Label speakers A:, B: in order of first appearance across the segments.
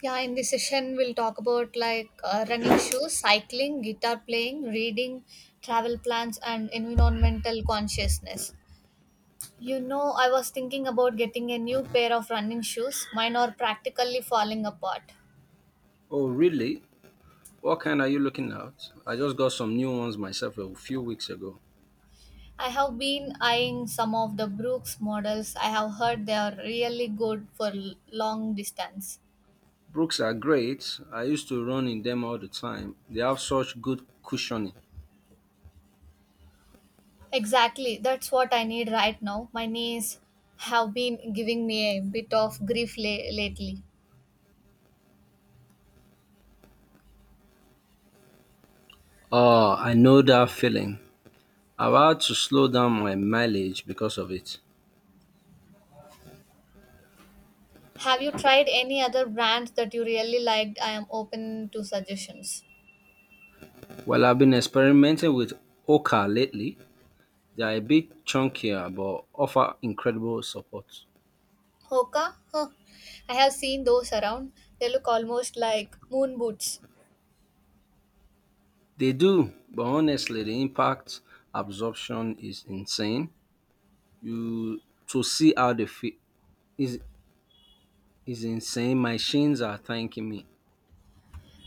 A: Yeah, in this session, we'll talk about running shoes, cycling, guitar playing, reading, travel plans, and environmental consciousness. You know, I was thinking about getting a new pair of running shoes. Mine are practically falling apart.
B: Oh, really? What kind are you looking at? I just got some new ones myself a few weeks ago.
A: I have been eyeing some of the Brooks models. I have heard they are really good for long distance.
B: Brooks are great. I used to run in them all the time. They have such good cushioning.
A: Exactly, that's what I need right now. My knees have been giving me a bit of grief lately.
B: Oh, I know that feeling. I've had to slow down my mileage because of it.
A: Have you tried any other brands that you really liked? I am open to suggestions.
B: Well, I've been experimenting with Oka lately. They are a bit chunkier but offer incredible support.
A: Hoka? Huh. I have seen those around. They look almost like moon boots.
B: They do, but honestly, the impact absorption is insane. You to see how they feel is is insane. My shins are thanking me.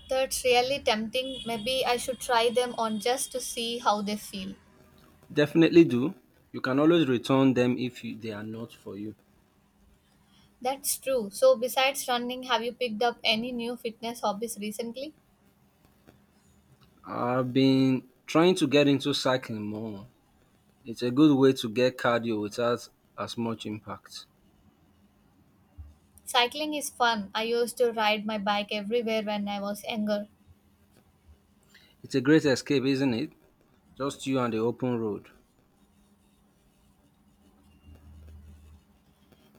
A: That's really tempting. Maybe I should try them on just to see how they feel.
B: Definitely do. You can always return them if you, they are not for you.
A: That's true. So, besides running, have you picked up any new fitness hobbies recently?
B: I've been trying to get into cycling more. It's a good way to get cardio without as much impact.
A: Cycling is fun. I used to ride my bike everywhere when I was younger.
B: It's a great escape, isn't it? Just you and the open road.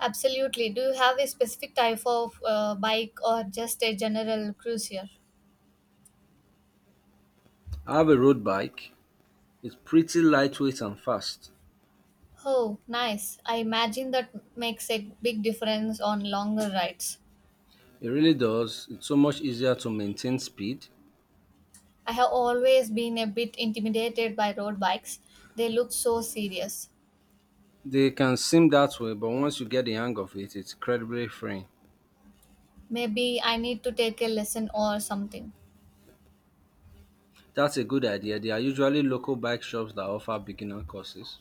A: Absolutely. Do you have a specific type of bike or just a general cruiser?
B: I have a road bike. It's pretty lightweight and fast.
A: Oh, nice. I imagine that makes a big difference on longer rides.
B: It really does. It's so much easier to maintain speed.
A: I have always been a bit intimidated by road bikes. They look so serious.
B: They can seem that way, but once you get the hang of it, it's incredibly freeing.
A: Maybe I need to take a lesson or something.
B: That's a good idea. There are usually local bike shops that offer beginner courses.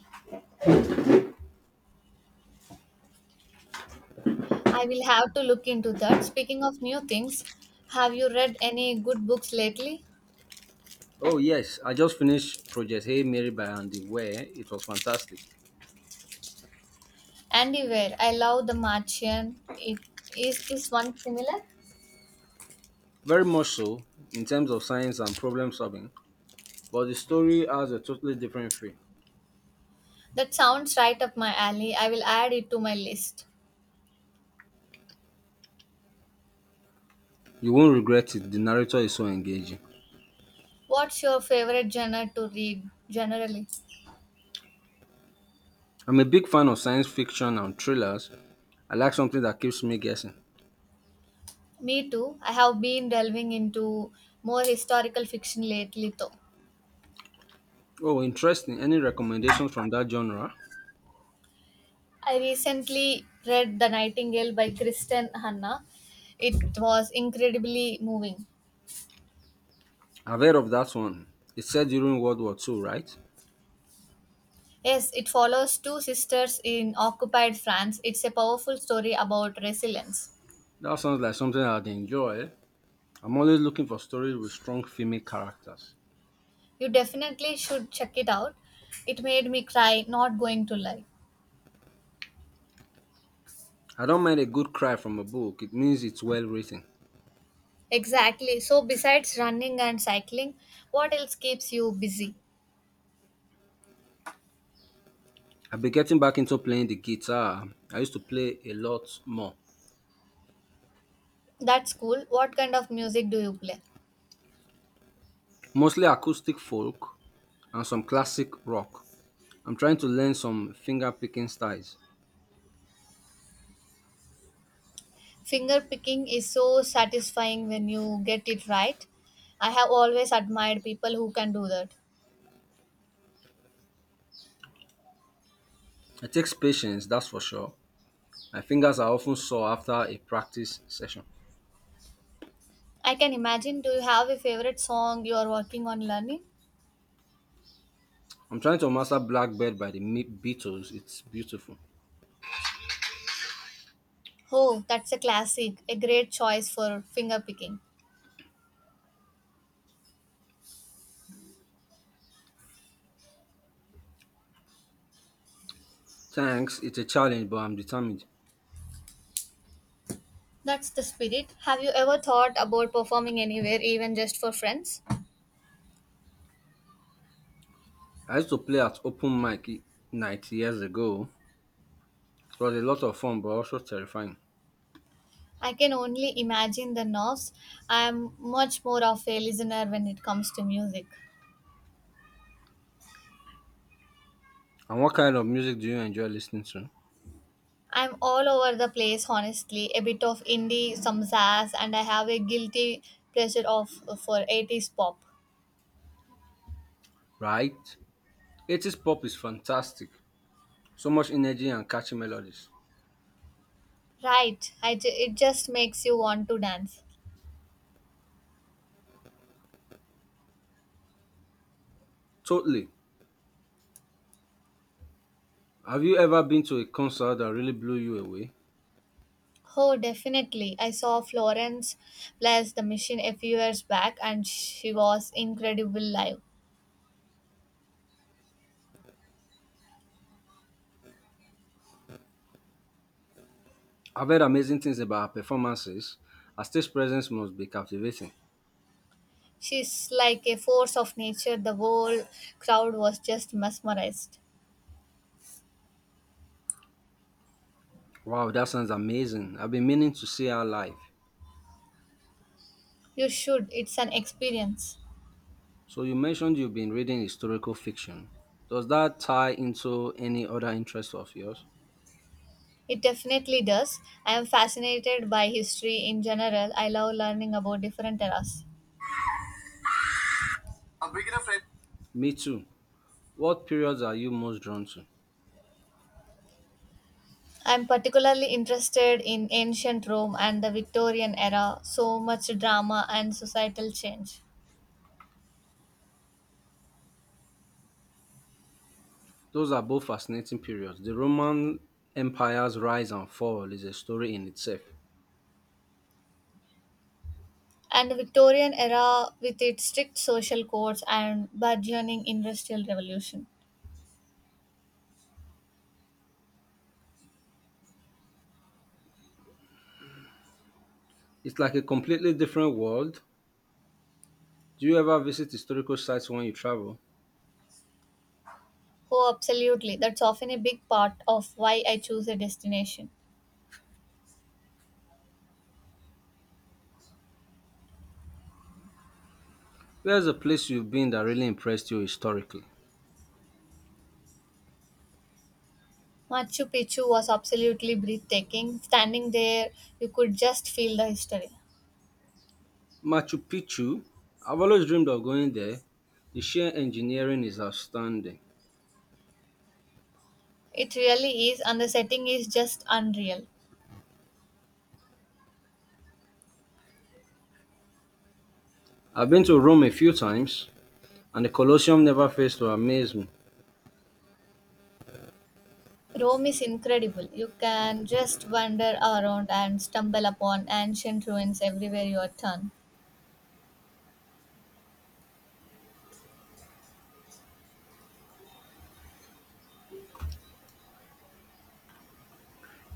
A: I will have to look into that. Speaking of new things, have you read any good books lately?
B: Oh, yes, I just finished Project Hey Mary by Andy Ware. It was fantastic.
A: Andy Weir, I love The Martian. Is this one similar?
B: Very much so in terms of science and problem solving, but the story has a totally different feel.
A: That sounds right up my alley. I will add it to my list.
B: You won't regret it. The narrator is so engaging.
A: What's your favorite genre to read generally?
B: I'm a big fan of science fiction and thrillers. I like something that keeps me guessing.
A: Me too. I have been delving into more historical fiction lately, though.
B: Oh, interesting. Any recommendations from that genre?
A: I recently read The Nightingale by Kristen Hanna. It was incredibly moving.
B: I've heard of that one. It's set during World War II, right?
A: Yes, it follows two sisters in occupied France. It's a powerful story about resilience.
B: That sounds like something I'd enjoy. I'm always looking for stories with strong female characters.
A: You definitely should check it out. It made me cry, not going to lie.
B: I don't mind a good cry from a book, it means it's well written.
A: Exactly. So, besides running and cycling, what else keeps you busy?
B: I've been getting back into playing the guitar. I used to play a lot more,
A: That's cool. What kind of music do you play?
B: mostly acoustic folk and some classic rock. I'm trying to learn some finger picking styles.
A: Finger picking is so satisfying when you get it right. I have always admired people who can do that.
B: It takes patience, that's for sure. My fingers are often sore after a practice session.
A: I can imagine. Do you have a favorite song you are working on learning?
B: I'm trying to master Blackbird by the Beatles. It's beautiful.
A: Oh, that's a classic, a great choice for finger picking.
B: Thanks, it's a challenge, but I'm determined.
A: That's the spirit. Have you ever thought about performing anywhere, even just for friends?
B: I used to play at open mic night years ago. It was a lot of fun, but also terrifying.
A: I can only imagine the nerves. I am much more of a listener when it comes to music.
B: And what kind of music do you enjoy listening to?
A: I'm all over the place, honestly. A bit of indie, some jazz, and I have a guilty pleasure of for 80s pop.
B: Right? 80s pop is fantastic. So much energy and catchy melodies.
A: Right, it just makes you want to dance.
B: Totally. Have you ever been to a concert that really blew you away?
A: Oh, definitely. I saw Florence Bless the Machine a few years back, and she was incredible live.
B: I've heard amazing things about her performances. Her stage presence must be captivating.
A: She's like a force of nature. The whole crowd was just mesmerized.
B: Wow, that sounds amazing. I've been meaning to see her live.
A: You should. It's an experience.
B: So you mentioned you've been reading historical fiction. Does that tie into any other interests of yours?
A: It definitely does. I am fascinated by history in general. I love learning about different eras. I'm
B: Me too. What periods are you most drawn to?
A: particularly interested in ancient Rome and the Victorian era, so much drama and societal change.
B: Those are both fascinating periods. The Roman Empire's rise and fall is a story in itself.
A: And the Victorian era with its strict social codes and burgeoning industrial revolution.
B: It's like a completely different world. Do you ever visit historical sites when you travel?
A: Oh, absolutely. That's often a big part of why I choose a destination.
B: Where's a place you've been that really impressed you historically?
A: Machu Picchu was absolutely breathtaking. Standing there, you could just feel the history.
B: Machu Picchu. I've always dreamed of going there. The sheer engineering is outstanding.
A: It really is, and the setting is just unreal.
B: I've been to Rome a few times, and the Colosseum never fails to amaze me.
A: Rome is incredible. You can just wander around and stumble upon ancient ruins everywhere you turn.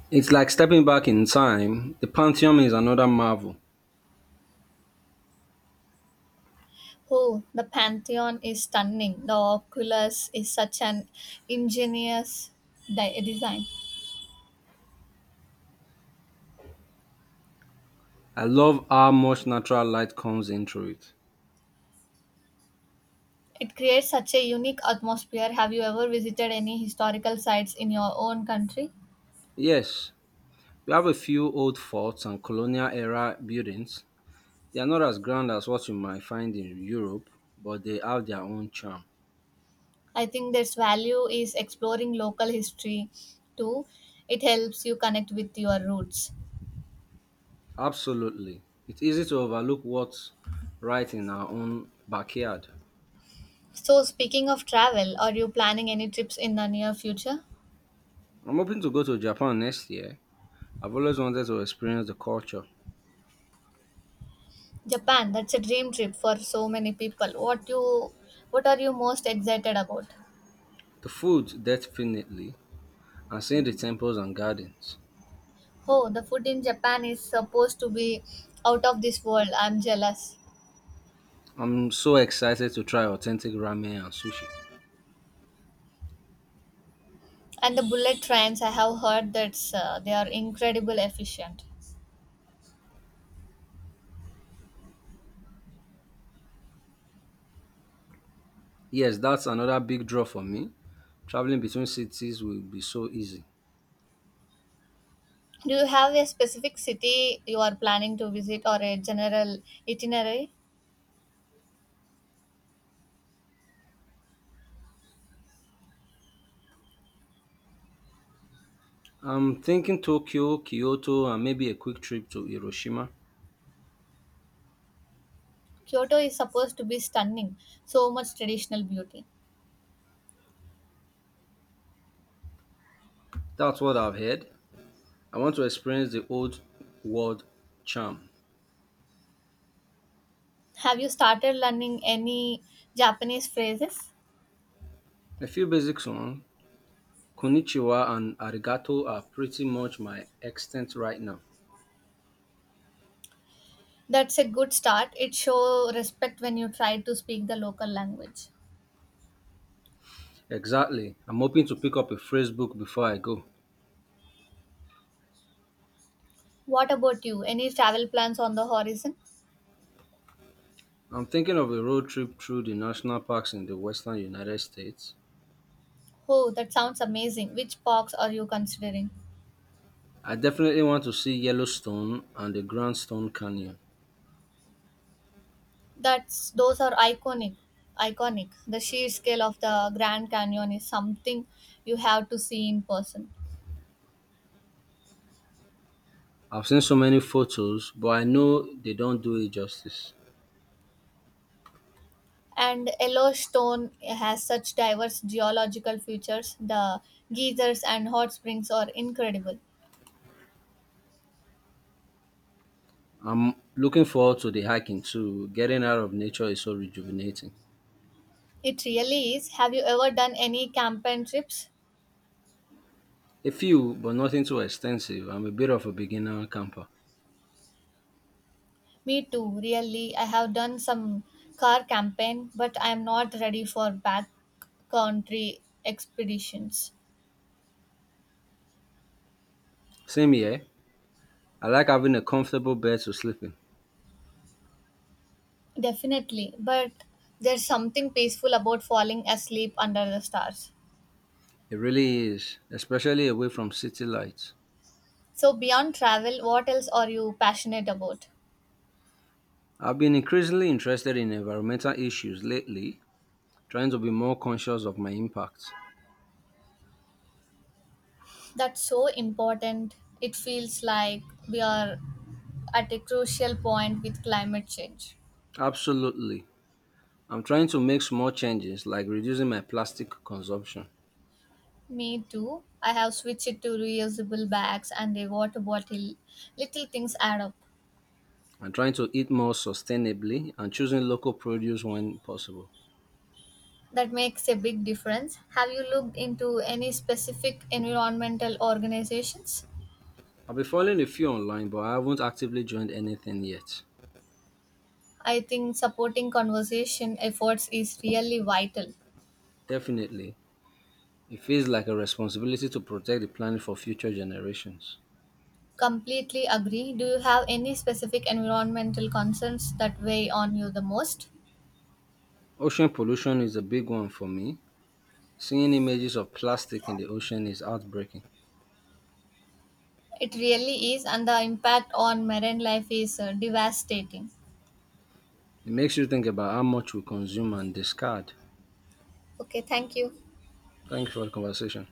B: It's like stepping back in time. The Pantheon is another marvel.
A: Oh, the Pantheon is stunning. The oculus is such an ingenious design.
B: I love how much natural light comes into it.
A: It creates such a unique atmosphere. Have you ever visited any historical sites in your own country?
B: Yes, we have a few old forts and colonial era buildings. They are not as grand as what you might find in Europe, but they have their own charm.
A: I think there's value is exploring local history too. It helps you connect with your roots.
B: Absolutely. It's easy to overlook what's right in our own backyard.
A: So, speaking of travel, are you planning any trips in the near future?
B: I'm hoping to go to Japan next year. I've always wanted to experience the culture,
A: Japan, that's a dream trip for so many people. What are you most excited about?
B: the food, definitely, and seeing the temples and gardens.
A: Oh, the food in Japan is supposed to be out of this world. I'm jealous.
B: I'm so excited to try authentic ramen and sushi.
A: And the bullet trains, I have heard that they are incredible efficient.
B: Yes, that's another big draw for me. Traveling between cities will be so easy.
A: Do you have a specific city you are planning to visit or a general itinerary?
B: I'm thinking Tokyo, Kyoto, and maybe a quick trip to Hiroshima.
A: Kyoto is supposed to be stunning, so much traditional beauty.
B: That's what I've heard. I want to experience the old world charm.
A: Have you started learning any Japanese phrases?
B: A few basic songs, Konnichiwa and Arigato are pretty much my extent right now.
A: That's a good start. It shows respect when you try to speak the local language.
B: Exactly. I'm hoping to pick up a phrase book before I go.
A: What about you? Any travel plans on the horizon?
B: I'm thinking of a road trip through the national parks in the western United States.
A: Oh, that sounds amazing. Which parks are you considering?
B: I definitely want to see Yellowstone and the Grandstone Canyon.
A: That's those are iconic. Iconic. The sheer scale of the Grand Canyon is something you have to see in person.
B: I've seen so many photos, but I know they don't do it justice.
A: And Yellowstone has such diverse geological features. The geysers and hot springs are incredible.
B: I'm looking forward to the hiking too. Getting out of nature is so rejuvenating.
A: It really is. Have you ever done any campaign trips?
B: A few, but nothing too extensive. I'm a bit of a beginner camper.
A: Me too, really. I have done some car campaign, but I am not ready for backcountry expeditions.
B: Same here. I like having a comfortable bed to sleep in.
A: Definitely, but there's something peaceful about falling asleep under the stars.
B: It really is, especially away from city lights.
A: So, beyond travel, what else are you passionate about?
B: I've been increasingly interested in environmental issues lately, trying to be more conscious of my impact.
A: That's so important. It feels like we are at a crucial point with climate change.
B: Absolutely. I'm trying to make small changes like reducing my plastic consumption
A: Me too. I have switched to reusable bags and a water bottle. Little things add up.
B: and trying to eat more sustainably and choosing local produce when possible.
A: That makes a big difference. Have you looked into any specific environmental organizations?
B: I've been following a few online, but I haven't actively joined anything yet.
A: I think supporting conservation efforts is really vital.
B: Definitely, it feels like a responsibility to protect the planet for future generations.
A: Completely agree. Do you have any specific environmental concerns that weigh on you the most?
B: Ocean pollution is a big one for me. Seeing images of plastic in the ocean is heartbreaking.
A: It really is, and the impact on marine life is devastating.
B: It makes you think about how much we consume and discard.
A: Okay, thank you.
B: Thank you for the conversation.